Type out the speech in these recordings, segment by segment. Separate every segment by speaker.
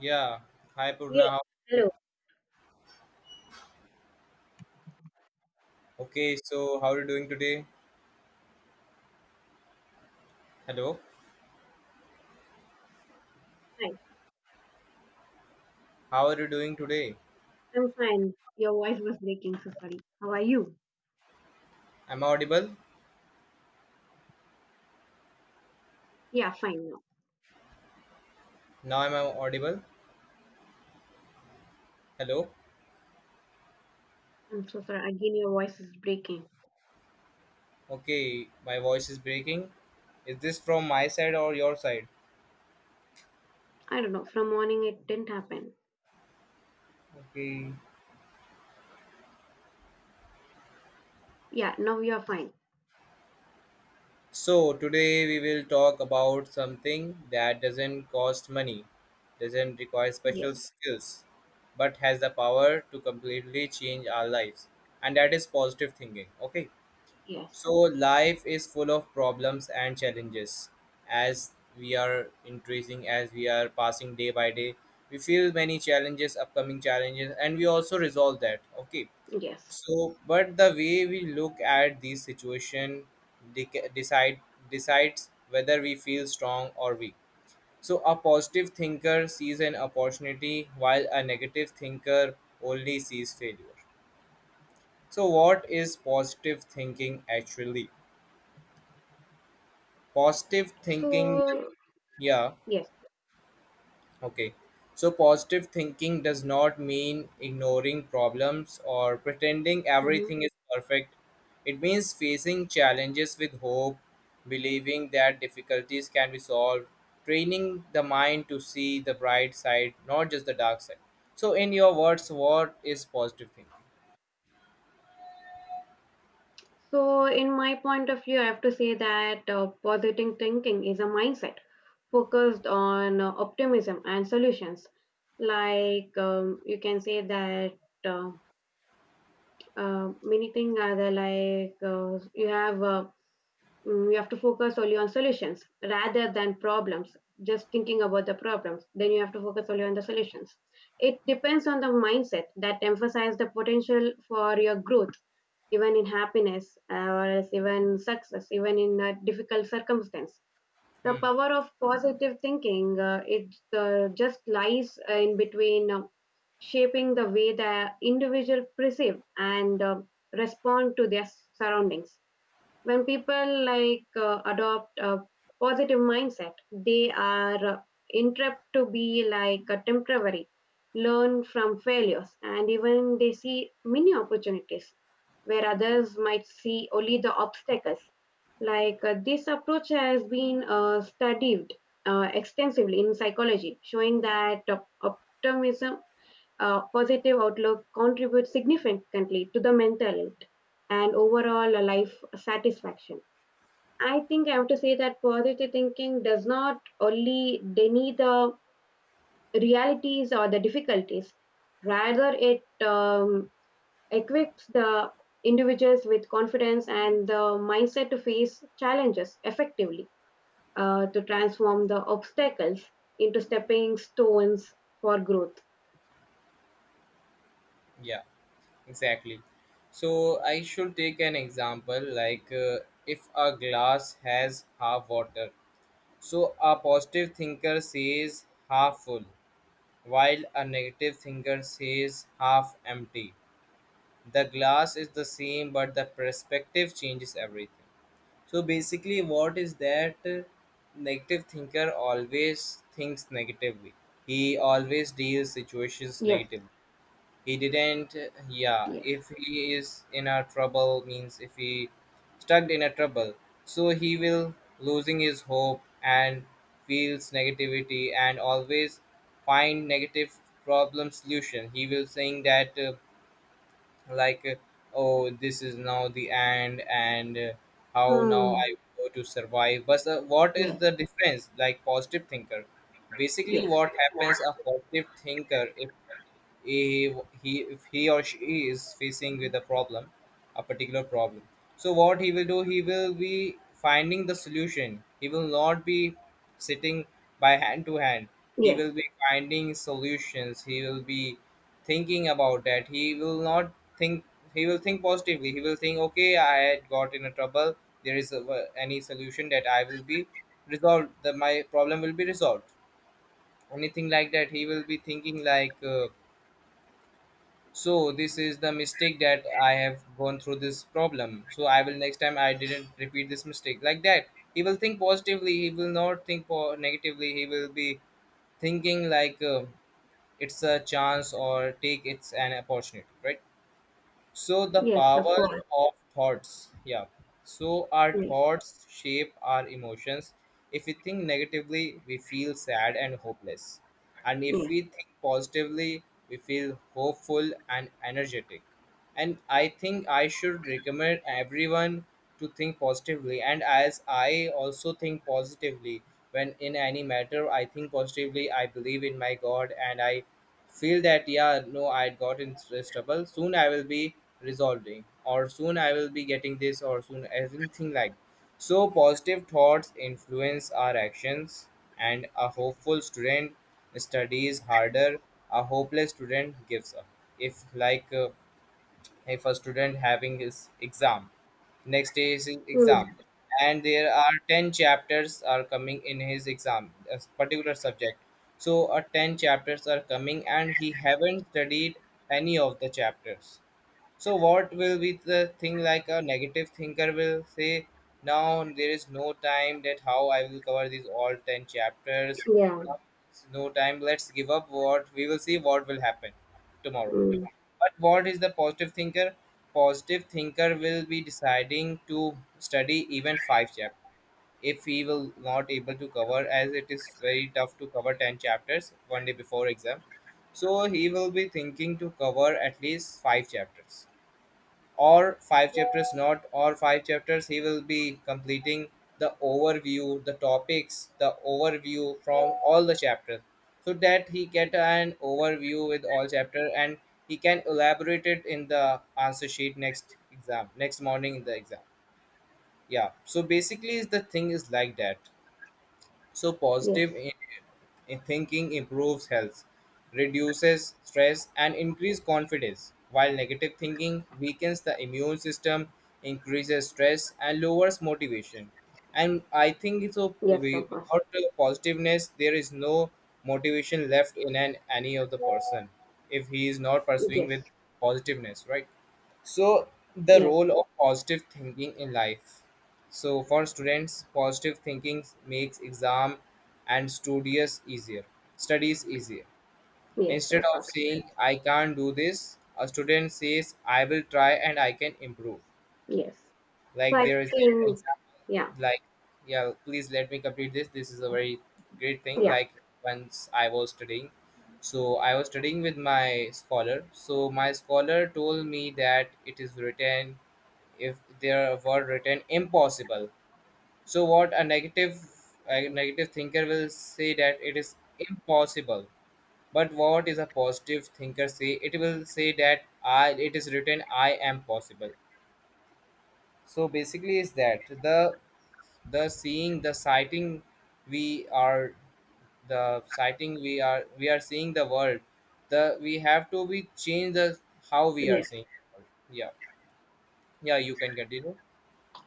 Speaker 1: Yeah. Hi Purna.
Speaker 2: Yes.
Speaker 1: How are you?
Speaker 2: Hello.
Speaker 1: Okay, so how are you doing today? Hello.
Speaker 2: Hi.
Speaker 1: How are you doing today?
Speaker 2: I'm fine. Your voice was breaking, so sorry. How are you?
Speaker 1: Am I audible?
Speaker 2: Yeah, fine now.
Speaker 1: Now am I audible? Hello.
Speaker 2: I'm so sorry. Again, your voice is breaking.
Speaker 1: Okay, my voice is breaking. Is this from my side or your side?
Speaker 2: I don't know. From morning, it didn't happen.
Speaker 1: Okay.
Speaker 2: Yeah, now you're fine.
Speaker 1: So today we will talk about something that doesn't cost money, doesn't require special
Speaker 2: Yes.
Speaker 1: skills, but has the power to completely change our lives. And that is positive thinking. Okay. So
Speaker 2: Yes.
Speaker 1: life is full of problems and challenges. As we are increasing, as we are passing day by day, we feel many challenges, upcoming challenges, and we also resolve that. Okay.
Speaker 2: Yes.
Speaker 1: So, but the way we look at these situation dec- decide decides whether we feel strong or weak. So a positive thinker sees an opportunity, while a negative thinker only sees failure. So, what is positive thinking actually? Positive thinking.
Speaker 2: So,
Speaker 1: Yeah.
Speaker 2: yes.
Speaker 1: Okay. So positive thinking does not mean ignoring problems or pretending
Speaker 2: hmm
Speaker 1: everything is perfect. It means facing challenges with hope, believing that difficulties can be solved, training the mind to see the bright side, not just the dark side. So, in your words, what is positive thinking?
Speaker 2: So, in my point of view, I have to say that positive thinking is a mindset focused on optimism and solutions. Like, you can say that. Uh, many things are there like you have you have to focus only on solutions rather than problems, just thinking about the problems. Then you have to focus only on the solutions. It depends on the mindset that emphasize the potential for your growth, even in happiness, or else even success, even in a difficult circumstance. The
Speaker 1: Hmm.
Speaker 2: power of positive thinking it just lies in between, shaping the way the individual perceive and respond to their surroundings. When people, like, adopt a positive mindset, they are interrupt to be like a temporary, learn from failures, and even they see many opportunities where others might see only the obstacles. Like, this approach has been studied extensively in psychology, showing that optimism, positive outlook contributes significantly to the mental health and overall life satisfaction. I think I have to say that positive thinking does not only deny the realities or the difficulties, rather, it equips the individuals with confidence and the mindset to face challenges effectively, to transform the obstacles into stepping stones for growth.
Speaker 1: Yeah, exactly. So I should take an example, like if a glass has half water, so a positive thinker says half full, while a negative thinker says half empty. The glass is the same, but the perspective changes everything. So basically, what is that? Negative thinker always thinks negatively. He always deals situations
Speaker 2: Yes,
Speaker 1: negatively. He didn't. Yeah,
Speaker 2: yes.
Speaker 1: if he is in a trouble, means if he stuck in a trouble, so he will losing his hope and feels negativity and always find negative problem solution. He will saying that, like, oh, this is now the end, and how now I
Speaker 2: Hmm.
Speaker 1: go to survive? But what is
Speaker 2: Yes.
Speaker 1: the difference, like positive thinker? Basically,
Speaker 2: Yes,
Speaker 1: what happens? A positive thinker, if he, he or she is facing with a problem, a particular problem, so what he will do? He will be finding the solution. He will not be sitting by hand to hand. He
Speaker 2: yes,
Speaker 1: will be finding solutions. He will be thinking about that. He will not think. He will think positively. He will think, okay, I had got in a trouble. There is any solution that I will be resolved, that my problem will be resolved, anything like that. He will be thinking like, so this is the mistake that I have gone through this problem, so I will next time I didn't repeat this mistake like that. He will think positively. He will not think negatively. He will be thinking like, it's a chance, or take, it's an opportunity, right? So the
Speaker 2: yes, of
Speaker 1: power
Speaker 2: course.
Speaker 1: of thoughts. Yeah. So our
Speaker 2: Yes,
Speaker 1: thoughts shape our emotions. If we think negatively, we feel sad and hopeless. And if
Speaker 2: yes.
Speaker 1: we think positively, we feel hopeful and energetic. And I think I should recommend everyone to think positively. And as I also think positively, when in any matter, I think positively, I believe in my God, and I feel that, yeah, no, I got in this trouble, soon I will be resolving, or soon I will be getting this, or soon everything like. So positive thoughts influence our actions, and a hopeful student studies harder, a hopeless student gives up. If like, if a student having his exam, next day is his
Speaker 2: Mm,
Speaker 1: exam, and there are 10 chapters are coming in his exam, a particular subject, so a 10 chapters are coming and he haven't studied any of the chapters. So what will be the thing? Like a negative thinker will say, now there is no time, that how I will cover these all 10 chapters.
Speaker 2: yeah,
Speaker 1: Now it's no time. Let's give up, what we will see what will happen tomorrow.
Speaker 2: mm,
Speaker 1: But what is the positive thinker? Positive thinker will be deciding to study even five chapters if he will not able to cover, as it is very tough to cover 10 chapters one day before exam, so he will be thinking to cover at least five chapters, or five chapters not, or five chapters he will be completing the overview, the topics, the overview from all the chapters, so that he get an overview with all chapter, and he can elaborate it in the answer sheet next morning in the exam. Yeah, so basically the thing is like that. So,
Speaker 2: yes,
Speaker 1: positive in, thinking improves health, reduces stress, and increases confidence, while negative thinking weakens the immune system, increases stress, and lowers motivation. And I think so.
Speaker 2: yes, of course.
Speaker 1: Without the positiveness, there is no motivation left in any of the person, if he is not pursuing
Speaker 2: Yes,
Speaker 1: with positiveness, right? So, the
Speaker 2: yes,
Speaker 1: role of positive thinking in life. So for students, positive thinking makes exam and studious easier. Studies easier.
Speaker 2: yes,
Speaker 1: Instead
Speaker 2: of
Speaker 1: of
Speaker 2: course.
Speaker 1: saying I can't do this, a student says I will try and I can improve.
Speaker 2: Yes. So
Speaker 1: Like
Speaker 2: I
Speaker 1: there is an
Speaker 2: think, yeah,
Speaker 1: example like, yeah, please let me complete this. This is a very great thing.
Speaker 2: yeah,
Speaker 1: Like once I was studying. So I was studying with my scholar. So my scholar told me that it is written, if there were written impossible, so what a negative thinker will say that it is impossible. But what is a positive thinker say? It will say that I it is written, I am possible. So basically is that the seeing the sighting we are, the sighting we are seeing the world. The we have to be change the how we are
Speaker 2: yes.
Speaker 1: seeing the world. Yeah. Yeah, you can continue.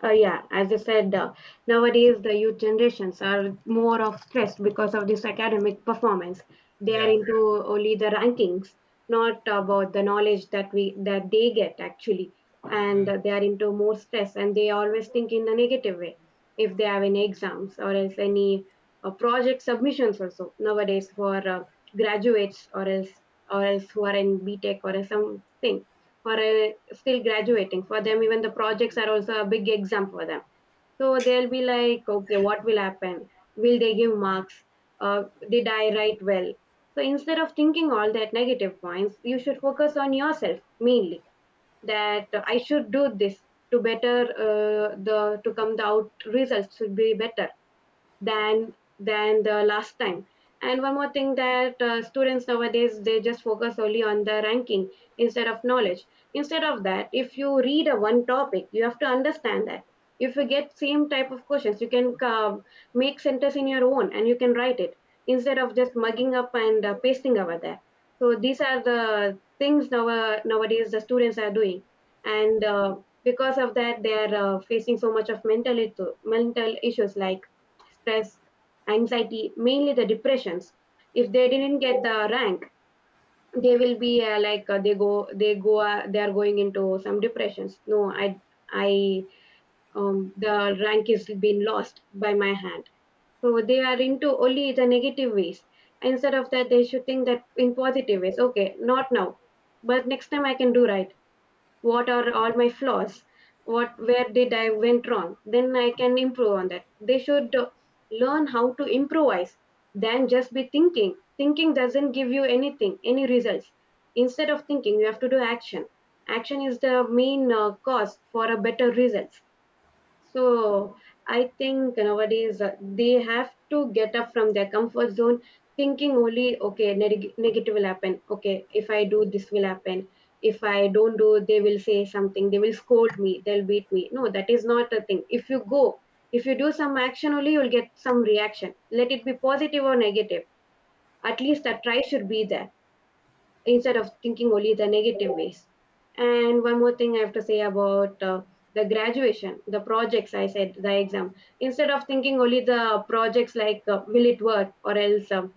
Speaker 2: Yeah, as I said, nowadays the youth generations are more of stressed because of this academic performance. They are
Speaker 1: Yeah.
Speaker 2: into only the rankings, not about the knowledge that we that they get, actually, and
Speaker 1: Hmm.
Speaker 2: they are into more stress, and they always think in a negative way if they have any exams or else any project submissions, also nowadays for graduates or else, who are in B Tech or else something, or still graduating. For them, even the projects are also a big exam for them. So they'll be like, okay, what will happen, will they give marks, uh, did I write well? So instead of thinking all that negative points, you should focus on yourself, mainly that I should do this to better, the to come the out results should be better than the last time. And one more thing that students nowadays, they just focus only on the ranking instead of knowledge. Instead of that, if you read a one topic, you have to understand that. If you get same type of questions, you can make sentence in your own and you can write it, instead of just mugging up and pasting over there. So these are the things nowadays the students are doing, and because of that, they are facing so much of mental mental issues, like stress, anxiety, mainly the depressions. If they didn't get the rank, they will be like, they go, they are going into some depressions. No, I the rank is been lost by my hand. So they are into only the negative ways. Instead of that, they should think that in positive ways. Okay, not now, but next time I can do right. What are all my flaws? What, where did I went wrong? Then I can improve on that. They should learn how to improvise than just be thinking. Thinking doesn't give you anything, any results. Instead of thinking, you have to do action. Action is the main cause for a better results. So I think nowadays they have to get up from their comfort zone, thinking only, okay, negative will happen. Okay, if I do, this will happen. If I don't do, they will say something. They will scold me. They'll beat me. No, that is not a thing. If you go, if you do some action only, you'll get some reaction. Let it be positive or negative. At least a try should be there, instead of thinking only the negative ways. And one more thing I have to say about the graduation, the projects I said, the exam. Instead of thinking only the projects like, will it work, or else, um,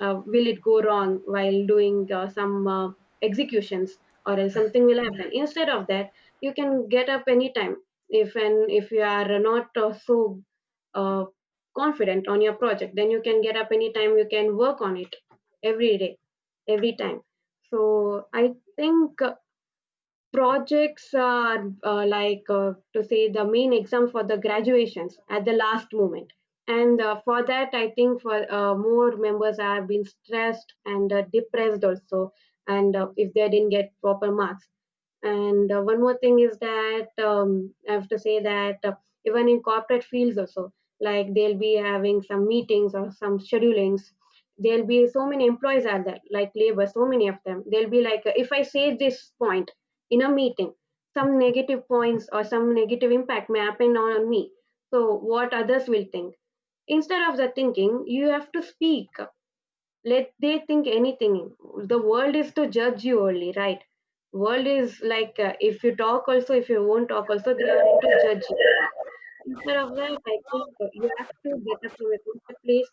Speaker 2: uh, will it go wrong while doing some executions, or else something will happen. Instead of that, you can get up anytime, if, and if you are not so uh, confident on your project, then you can get up anytime. You can work on it every day, every time. So I think projects are like, to say, the main exam for the graduations at the last moment, and for that, I think, for more members have been stressed and depressed also, and if they didn't get proper marks. And one more thing is that, I have to say that even in corporate fields also, like, they'll be having some meetings or some schedulings. There'll be so many employees are there, like labor, so many of them. They'll be like, if I say this point in a meeting, some negative points or some negative impact may happen on me. So what others will think? Instead of that thinking, you have to speak. Let they think anything. The world is to judge you only, right? World is like, if you talk also, if you won't talk also, they are to judge you. Instead of that, I think you have to better from a good place,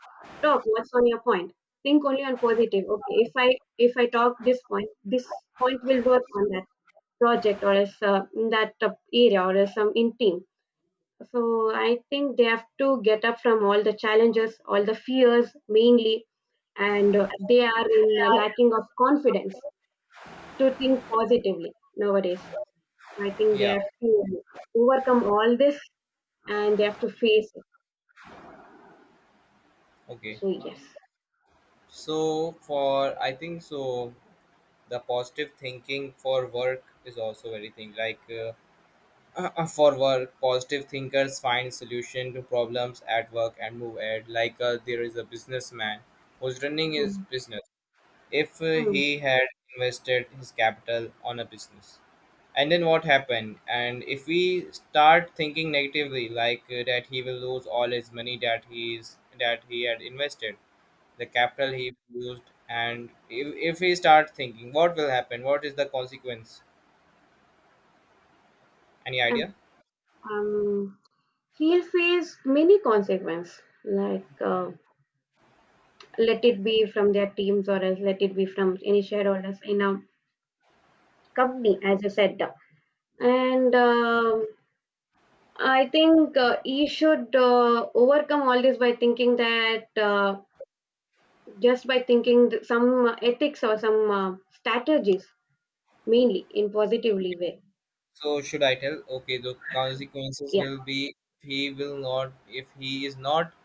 Speaker 2: talk what's on your point. Think only on positive. Okay, if I, if I talk this point, this point will work on that project, or as, in that area, or as some in team. So I think they have to get up from all the challenges, all the fears mainly, and they are in a lacking of confidence to think positively nowadays. I think they
Speaker 1: Yeah.
Speaker 2: have to overcome all this and they have to face it.
Speaker 1: Okay.
Speaker 2: So yes.
Speaker 1: So for, I think so, the positive thinking for work is also very thing, like for work, positive thinkers find solution to problems at work and move ahead, like there is a businessman who's running his
Speaker 2: Hmm.
Speaker 1: business. If
Speaker 2: Hmm.
Speaker 1: he had invested his capital on a business, and then what happened, and if we start thinking negatively like, that he will lose all his money, that he had invested the capital he used, and if he start thinking, what will happen? What is the consequence? Any
Speaker 2: Um,
Speaker 1: idea?
Speaker 2: um, He'll face many consequences, like, let it be from their teams, or else let it be from any shareholders in a company, as you said. And, I think he should overcome all this by thinking that, just by thinking some ethics or some strategies, mainly in positively way.
Speaker 1: So should I tell, okay, the consequences
Speaker 2: Yeah.
Speaker 1: will be, he will not, if he is not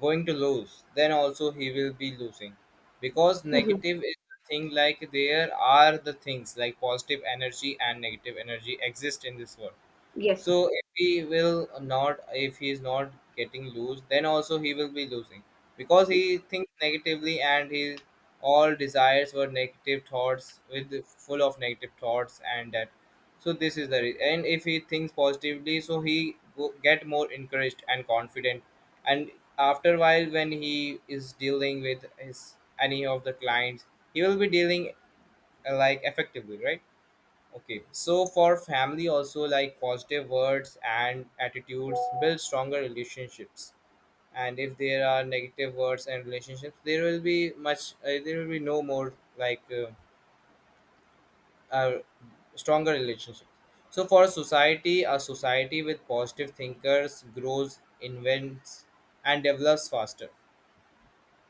Speaker 1: going to lose, then also he will be losing, because
Speaker 2: Mhm.
Speaker 1: negative is the thing, like there are the things like positive energy and negative energy exist in this world.
Speaker 2: Yes.
Speaker 1: So if he will not, if he is not getting loose, then also he will be losing, because he thinks negatively, and his all desires were negative thoughts, with full of negative thoughts and that. So this is the and if he thinks positively, so he go, get more encouraged and confident. And after a while, when he is dealing with his any of the clients, he will be dealing, like, effectively, right? Okay, so for family also, like positive words and attitudes build stronger relationships. And if there are negative words and relationships, there will be much. There will be no more like, uh, stronger relationship. So for society, a society with positive thinkers grows, invents, and develops faster.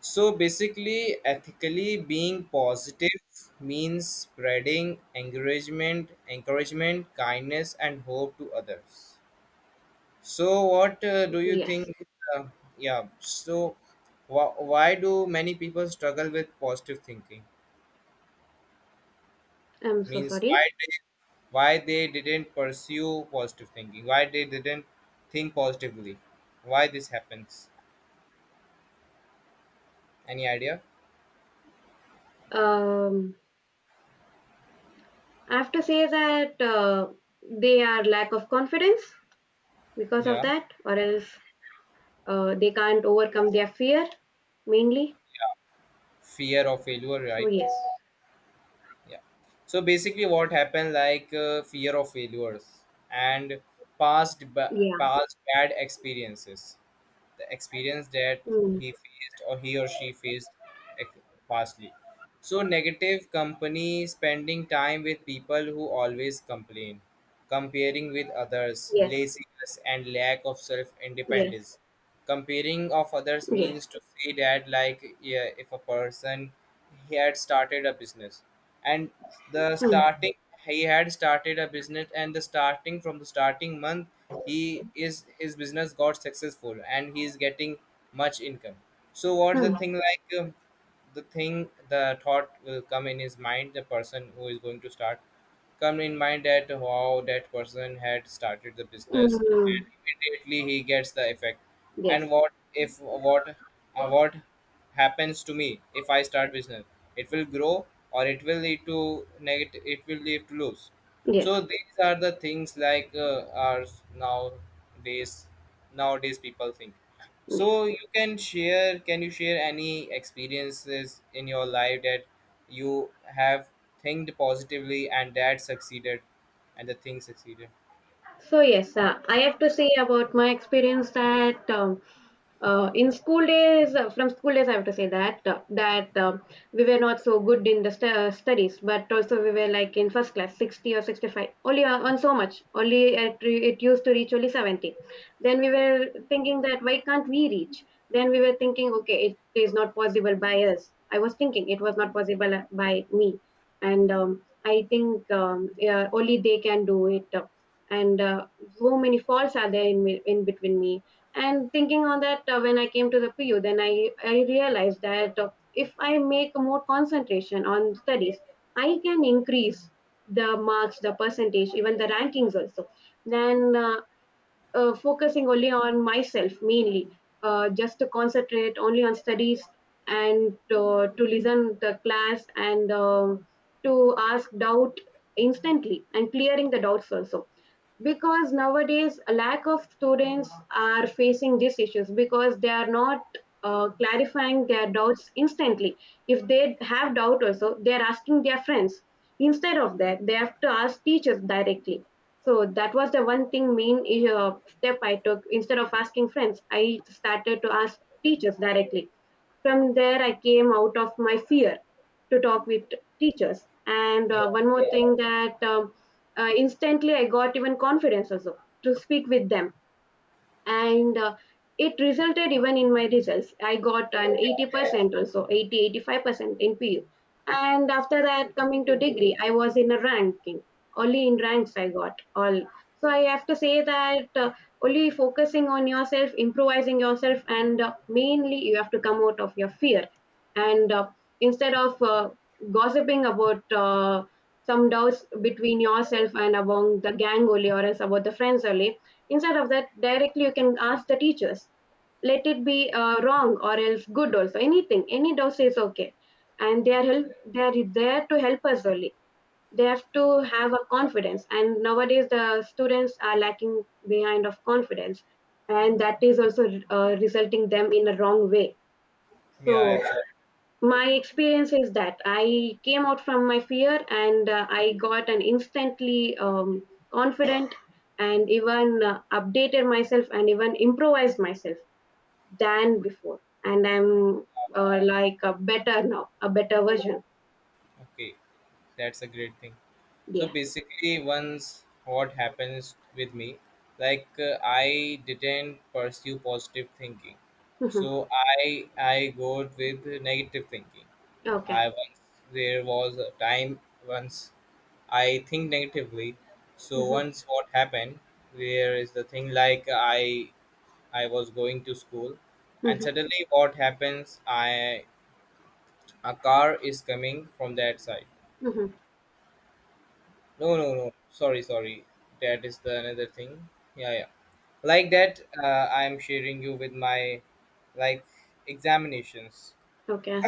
Speaker 1: So basically, ethically being positive means spreading encouragement, kindness, and hope to others. So what do you think?
Speaker 2: Yes.
Speaker 1: Uh, yeah. So why do many people struggle with positive thinking?
Speaker 2: I'm so
Speaker 1: Means
Speaker 2: sorry.
Speaker 1: why they, why they didn't pursue positive thinking? Why they didn't think positively? Why this happens? Any idea?
Speaker 2: Um, I have to say that they are lack of confidence, because of
Speaker 1: Yeah.
Speaker 2: that, or else they can't overcome their fear, mainly.
Speaker 1: Fear of failure,
Speaker 2: So
Speaker 1: right?
Speaker 2: yes.
Speaker 1: Yeah, so basically what happened like, fear of failures, and past ba-
Speaker 2: Yeah.
Speaker 1: past bad experiences, the experience that
Speaker 2: Mm.
Speaker 1: he or she faced ex- pastly. So negative company, spending time with people who always complain, comparing with others,
Speaker 2: Yes.
Speaker 1: laziness, and lack of self
Speaker 2: Yes.
Speaker 1: independence. Comparing of others,
Speaker 2: Yes.
Speaker 1: means to say that, like, yeah, if a person, he had started a business, and the
Speaker 2: Hmm.
Speaker 1: starting, he had started a business, and the starting from the starting month, he is his business got successful, and he is getting much income. So what's the
Speaker 2: Hmm.
Speaker 1: thing, like, the thing the thought will come in his mind, the person who is going to start, come in mind that how that person had started the business,
Speaker 2: Mm,
Speaker 1: and immediately he gets the effect. And
Speaker 2: yes,
Speaker 1: what happens to me if I start business? It will grow, or it will lead to negative, it will lead to lose.
Speaker 2: yes,
Speaker 1: So these are the things like, are nowadays nowadays people think.
Speaker 2: yes.
Speaker 1: So can you share any experiences in your life that you have thinked positively, and that succeeded, and the thing succeeded?
Speaker 2: So yes, I have to say about my experience that, in school days, from school days, I have to say that, we were not so good in the studies, but also we were like in first class, 60 or 65, only on so much, only it, it used to reach only 70. Then we were thinking that why can't we reach? Then we were thinking, okay, it is not possible by us. I was thinking it was not possible by me, and I think, yeah, only they can do it. And so many faults are there in me, in between me, and thinking on that, when I came to the PU, then I realized that if I make more concentration on studies, I can increase the marks, the percentage, even the rankings also. Then, focusing only on myself, mainly just to concentrate only on studies, and to listen the class, and to ask doubt instantly and clearing the doubts also. Because nowadays a lack of students are facing these issues because they are not clarifying their doubts instantly. If they have doubt also, they are asking their friends. Instead of that, they have to ask teachers directly. So that was the one thing, main step I took. Instead of asking friends, I started to ask teachers directly. From there, I came out of my fear to talk with teachers. And
Speaker 1: Yeah,
Speaker 2: one more thing that instantly I got even confidence also to speak with them and it resulted even in my results. I got an 80% or so 80 85% in PU. And after that, coming to
Speaker 1: yeah,
Speaker 2: degree, I was in a ranking, only in ranks I got all. So I have to say that only focusing on yourself, improvising yourself, and mainly you have to come out of your fear, and instead of gossiping about some doubts between yourself and among the gang only, or else about the friends only, instead of that directly you can ask the teachers. Let it be wrong or else good, also anything, any dose is okay. And they are
Speaker 1: yeah,
Speaker 2: help they are there to help us only. They have to have a confidence, and nowadays the students are lacking behind of confidence, and that is also resulting them in a wrong way. So
Speaker 1: yeah, absolutely.
Speaker 2: my experience is that I came out from my fear, and I got an instantly confident, and even updated myself and even improvised myself than before. And I'm like a better now, a better version.
Speaker 1: Okay, that's a great thing. So
Speaker 2: Yeah.
Speaker 1: basically, once what happens with me, like I didn't pursue positive thinking,
Speaker 2: Hmm.
Speaker 1: so I go with negative thinking.
Speaker 2: Okay.
Speaker 1: I once, there was a time, once I think negatively. So
Speaker 2: Hmm.
Speaker 1: once what happened, where is the thing like I was going to school, and
Speaker 2: Hmm.
Speaker 1: suddenly what happens? I A car is coming from that side.
Speaker 2: Hmm.
Speaker 1: No, no, no. Sorry, sorry. That is the another thing. Yeah, yeah. Like that, I am sharing you with my like examinations.
Speaker 2: Okay.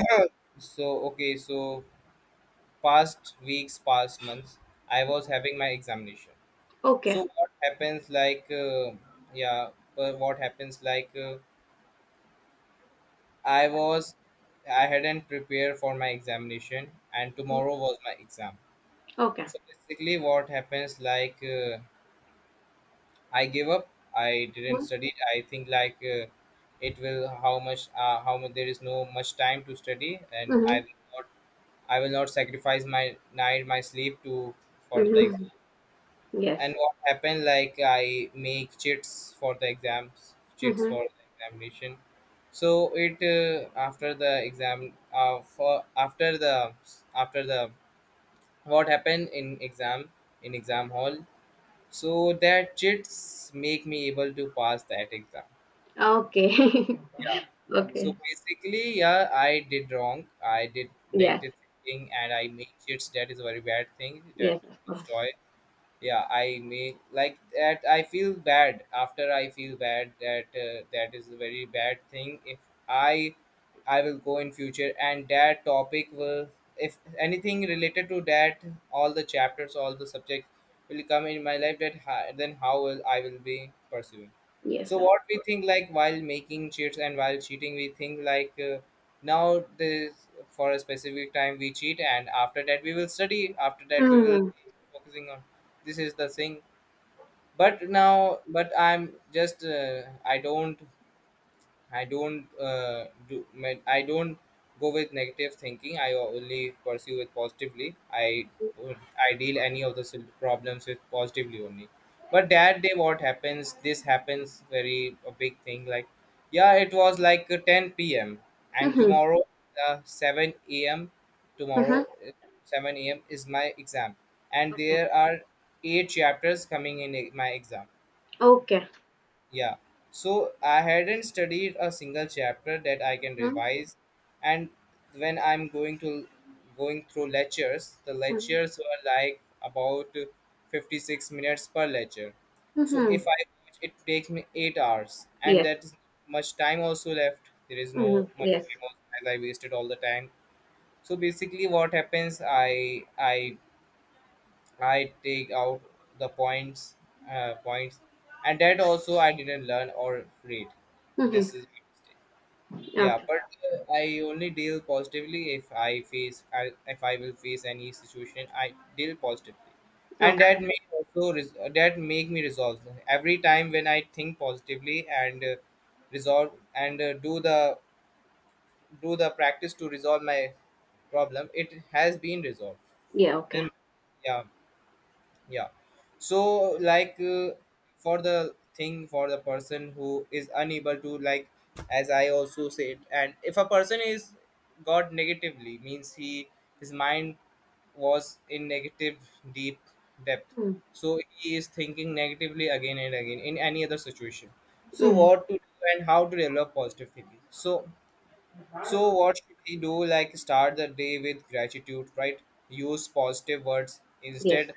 Speaker 1: So past weeks, past months, I was having my examination. So
Speaker 2: Okay.
Speaker 1: what happens yeah but what happens i was I hadn't prepared for my examination, and
Speaker 2: Mhm.
Speaker 1: tomorrow was my exam.
Speaker 2: Okay.
Speaker 1: So basically what happens, I gave up. I didn't study. I think it will how much, there is no much time to study, and
Speaker 2: Mm-hmm.
Speaker 1: I will not sacrifice my night, my sleep, to for the
Speaker 2: Hmm.
Speaker 1: exam.
Speaker 2: Yes.
Speaker 1: And what happened, like I make cheats for the exams, cheats
Speaker 2: Hmm.
Speaker 1: for the examination. So it, after the exam, for after the what happened in exam, in exam hall. So that cheats make me able to pass that exam.
Speaker 2: Okay.
Speaker 1: Yeah. So
Speaker 2: Okay.
Speaker 1: basically, yeah, I did wrong. I did
Speaker 2: Yes.
Speaker 1: negative thinking, and I make cheats. That is a very bad thing. That
Speaker 2: Yes, of course.
Speaker 1: destroy, yeah, I may like that I feel bad after. I feel bad that that is a very bad thing. If i I will go in future and that topic will, if anything related to that, all the chapters, all the subjects will come in my life, that then how will I will be pursuing.
Speaker 2: Yes,
Speaker 1: So
Speaker 2: sir.
Speaker 1: what we think, like while making cheats and while cheating, we think now this for a specific time we cheat, and after that we will study, after that we will
Speaker 2: Mm-hmm.
Speaker 1: focusing on. This is the thing. But now, but I'm just I don't I don't go with negative thinking. I only pursue it positively. Would- I deal any of the problems with positively only. But that day, what happens? This happens very a big thing. Like, yeah, it was 10 p.m. and
Speaker 2: Mhm.
Speaker 1: tomorrow, 7 a.m. Tomorrow,
Speaker 2: Mhm.
Speaker 1: 7 a.m. is my exam, and
Speaker 2: Okay.
Speaker 1: there are eight chapters coming in my exam.
Speaker 2: Okay.
Speaker 1: Yeah. So I hadn't studied a single chapter that I can
Speaker 2: Mhm.
Speaker 1: revise. And when I'm going to going through lectures, the
Speaker 2: Mhm.
Speaker 1: lectures were like about 56 minutes per lecture. So if
Speaker 2: Mhm.
Speaker 1: I watch, it takes me 8 hours, and
Speaker 2: Yes.
Speaker 1: that is much time also left. There is no
Speaker 2: Mhm.
Speaker 1: much
Speaker 2: Yes.
Speaker 1: time also, as I wasted all the time. So basically what happens, I I take out the points, uh, points, and that also I didn't learn or read.
Speaker 2: Mhm.
Speaker 1: This is my mistake. Yeah,
Speaker 2: Okay.
Speaker 1: but I only deal positively. If if I will face any situation, I deal positively, and
Speaker 2: Okay.
Speaker 1: that may also that make me resolve every time. When I think positively and resolve, and do the practice to resolve my problem, it has been resolved.
Speaker 2: Yeah. Okay.
Speaker 1: Um, yeah, yeah so for the thing, for the person who is unable to, like, as I also said, and if a person is got negatively, means he, his mind was in negative deep depth,
Speaker 2: Mhm.
Speaker 1: so he is thinking negatively again and again in any other situation. So
Speaker 2: Mhm.
Speaker 1: what to do, and how to develop positive thinking? So so what should we do? Like, start the day with gratitude, right? Use positive words
Speaker 2: Yes.
Speaker 1: instead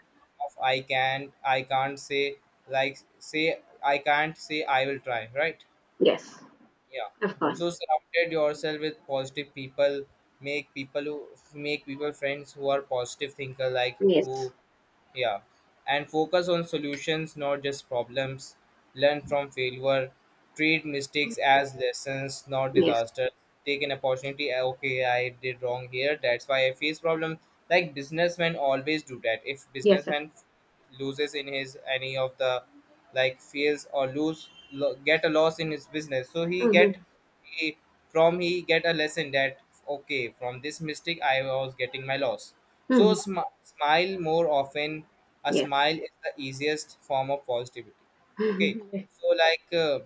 Speaker 1: of I can, not I can't say. Like, say I can't say, I will try, right?
Speaker 2: Yes.
Speaker 1: Yeah.
Speaker 2: Of course.
Speaker 1: So surrounded yourself with positive people. Make people who Make people friends who are positive thinker, like
Speaker 2: Yes.
Speaker 1: who, yeah, and focus on solutions, not just problems. Learn from failure. Treat mistakes as lessons, not
Speaker 2: Yes.
Speaker 1: disasters. Take an opportunity. "Ah, okay, I did wrong here. That's why I face problem." Like businessmen always do that. If
Speaker 2: Yes. Sir.
Speaker 1: businessman loses in his any of the, like, fails or lose get a loss in his business, so he
Speaker 2: Mhm.
Speaker 1: get, he, from he get a lesson that okay, from this mistake I was getting my loss. So
Speaker 2: Mhm.
Speaker 1: smile more often. A
Speaker 2: Yes.
Speaker 1: smile is the easiest form of positivity. Okay.
Speaker 2: Mhm.
Speaker 1: So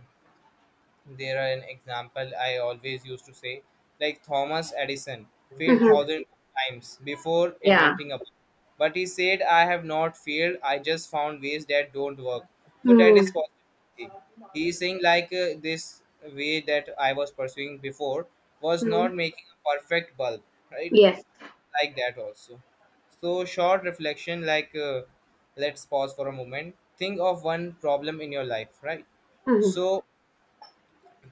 Speaker 1: there are an example I always used to say, like Thomas Edison failed
Speaker 2: Mhm.
Speaker 1: thousand times before
Speaker 2: Yeah.
Speaker 1: inventing a bulb. But he said, I have not failed, I just found ways that don't work. So that is
Speaker 2: Mhm.
Speaker 1: possible. He is saying, this way that I was pursuing before was
Speaker 2: Mhm.
Speaker 1: not making a perfect bulb, right?
Speaker 2: Yes.
Speaker 1: Like that also. So, short reflection, let's pause for a moment. Think of one problem in your life, right?
Speaker 2: Mhm.
Speaker 1: So,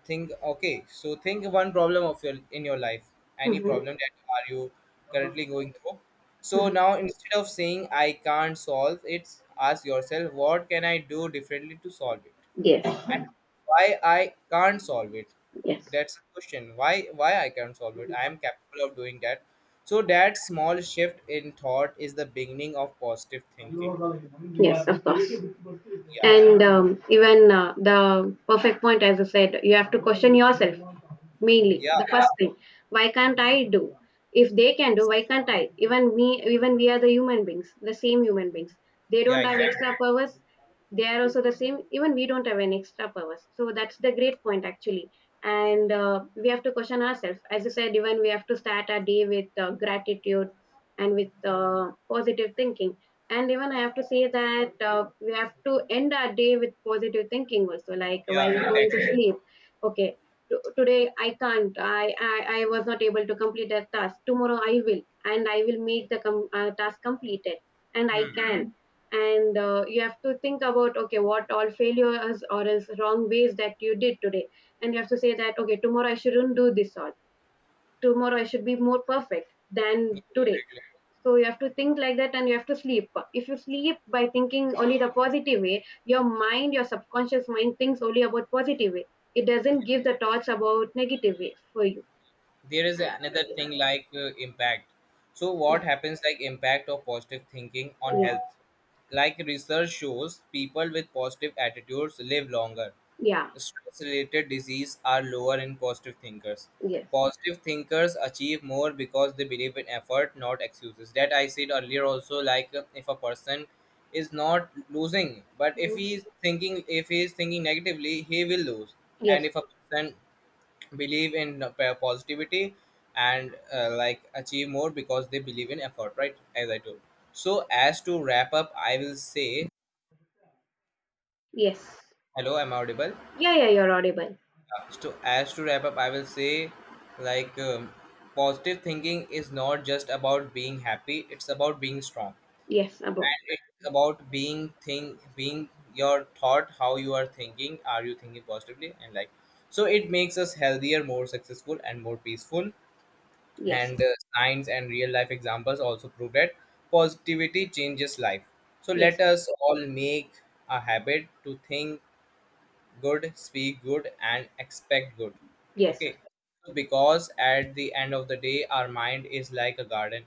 Speaker 1: think, think one problem of your in your life, any
Speaker 2: Mhm.
Speaker 1: problem that are you currently going through. So
Speaker 2: Mhm.
Speaker 1: now, instead of saying I can't solve it, ask yourself, what can I do differently to solve it? And
Speaker 2: Yes.
Speaker 1: why I can't solve it?
Speaker 2: Yes.
Speaker 1: That's the question. Why I can't solve it? I am capable of doing that. So that small shift in thought is the beginning of positive thinking.
Speaker 2: Yes, of course.
Speaker 1: yeah
Speaker 2: And even the perfect point, as I said, you have to question yourself mainly.
Speaker 1: yeah
Speaker 2: The first thing, why can't I do? If they can do, why can't I? Even me, even we are the human beings, the same human beings. They
Speaker 1: yeah,
Speaker 2: don't have
Speaker 1: exactly.
Speaker 2: extra powers. They are also the same. Even we don't have an extra powers. So that's the great point actually. And we have to question ourselves. As I said, even we have to start our day with gratitude and with positive thinking. And even I have to say that we have to end our day with positive thinking also, like
Speaker 1: Yeah,
Speaker 2: while, yeah, going to,
Speaker 1: exactly.
Speaker 2: okay, sleep. Okay. Today I can't, I was not able to complete that task. Tomorrow I will, and I will make the task completed. And I
Speaker 1: Hmm.
Speaker 2: can, and you have to think about, okay, what all failures or else wrong ways that you did today. And you have to say that okay, tomorrow I shouldn't do this all, tomorrow I should be more perfect than
Speaker 1: Exactly.
Speaker 2: today. So you have to think like that, and you have to sleep. If you sleep by thinking only the positive way, your mind, your subconscious mind, thinks only about positive way. It doesn't give the thoughts about negative way for you.
Speaker 1: There is another thing, impact. So what happens, like, impact of positive thinking on
Speaker 2: Yeah.
Speaker 1: health? Like, research shows people with positive attitudes live longer.
Speaker 2: Yeah.
Speaker 1: Stress related disease are lower in positive thinkers.
Speaker 2: Yes.
Speaker 1: Positive thinkers achieve more because they believe in effort, not excuses, that I said earlier also. If a person is not losing, but if
Speaker 2: Hello?
Speaker 1: he is thinking if he is thinking negatively, he will lose. And
Speaker 2: Yes.
Speaker 1: if a person believe in positivity, and like achieve more because they believe in effort, right, as I do. So as to wrap up, I will say,
Speaker 2: Yes.
Speaker 1: hello, I'm audible.
Speaker 2: Yeah, yeah, you're audible.
Speaker 1: So as to wrap up, I will say, like um, positive thinking is not just about being happy. It's about being strong.
Speaker 2: Yes, above.
Speaker 1: And it's about being your thought, how you are thinking, are you thinking positively? And, like, so it makes us healthier, more successful, and more peaceful.
Speaker 2: Yes, sir.
Speaker 1: And science and real life examples also prove that positivity changes life. So
Speaker 2: Yes,
Speaker 1: let
Speaker 2: sir.
Speaker 1: us all make a habit to think good, speak good, and expect good.
Speaker 2: Yes, sir.
Speaker 1: Okay. Because at the end of the day, our mind is like a garden.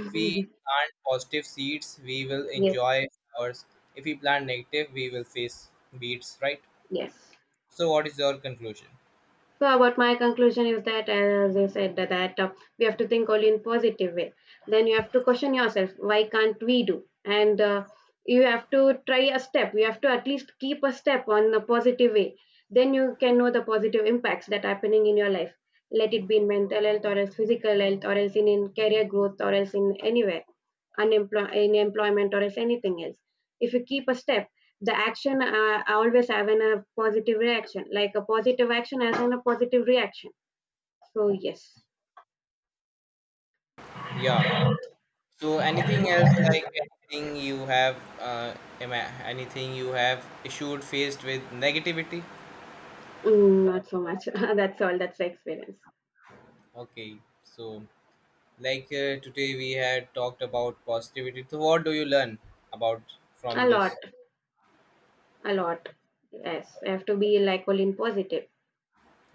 Speaker 1: If we plant positive seeds, we will
Speaker 2: Yes.
Speaker 1: enjoy flowers. If we plant negative, we will face weeds, right?
Speaker 2: Yes.
Speaker 1: So what is your conclusion?
Speaker 2: So, about my conclusion is that, as you said, that, that we have to think only in positive way. Then you have to question yourself, why can't we do? And you have to try a step. You have to at least keep a step on the positive way. Then you can know the positive impacts that are happening in your life. Let it be in mental health, or else physical health, or else in career growth, or else in anywhere, in employment, or if anything else, if you keep a step, the action always have an, a positive reaction. Like a positive action has an, a positive reaction. So yes.
Speaker 1: Yeah. So anything else, like, anything you have uh, anything you have issued faced with negativity?
Speaker 2: Mm, not so much. That's all, that's the experience.
Speaker 1: Okay. So today we had talked about positivity. So what do you learn about
Speaker 2: A
Speaker 1: from this?
Speaker 2: lot. A lot. Yes, I have to be like all in positive,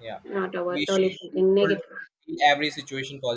Speaker 1: Yeah.
Speaker 2: not about only
Speaker 1: We
Speaker 2: something
Speaker 1: should
Speaker 2: negative.
Speaker 1: see every situation positive.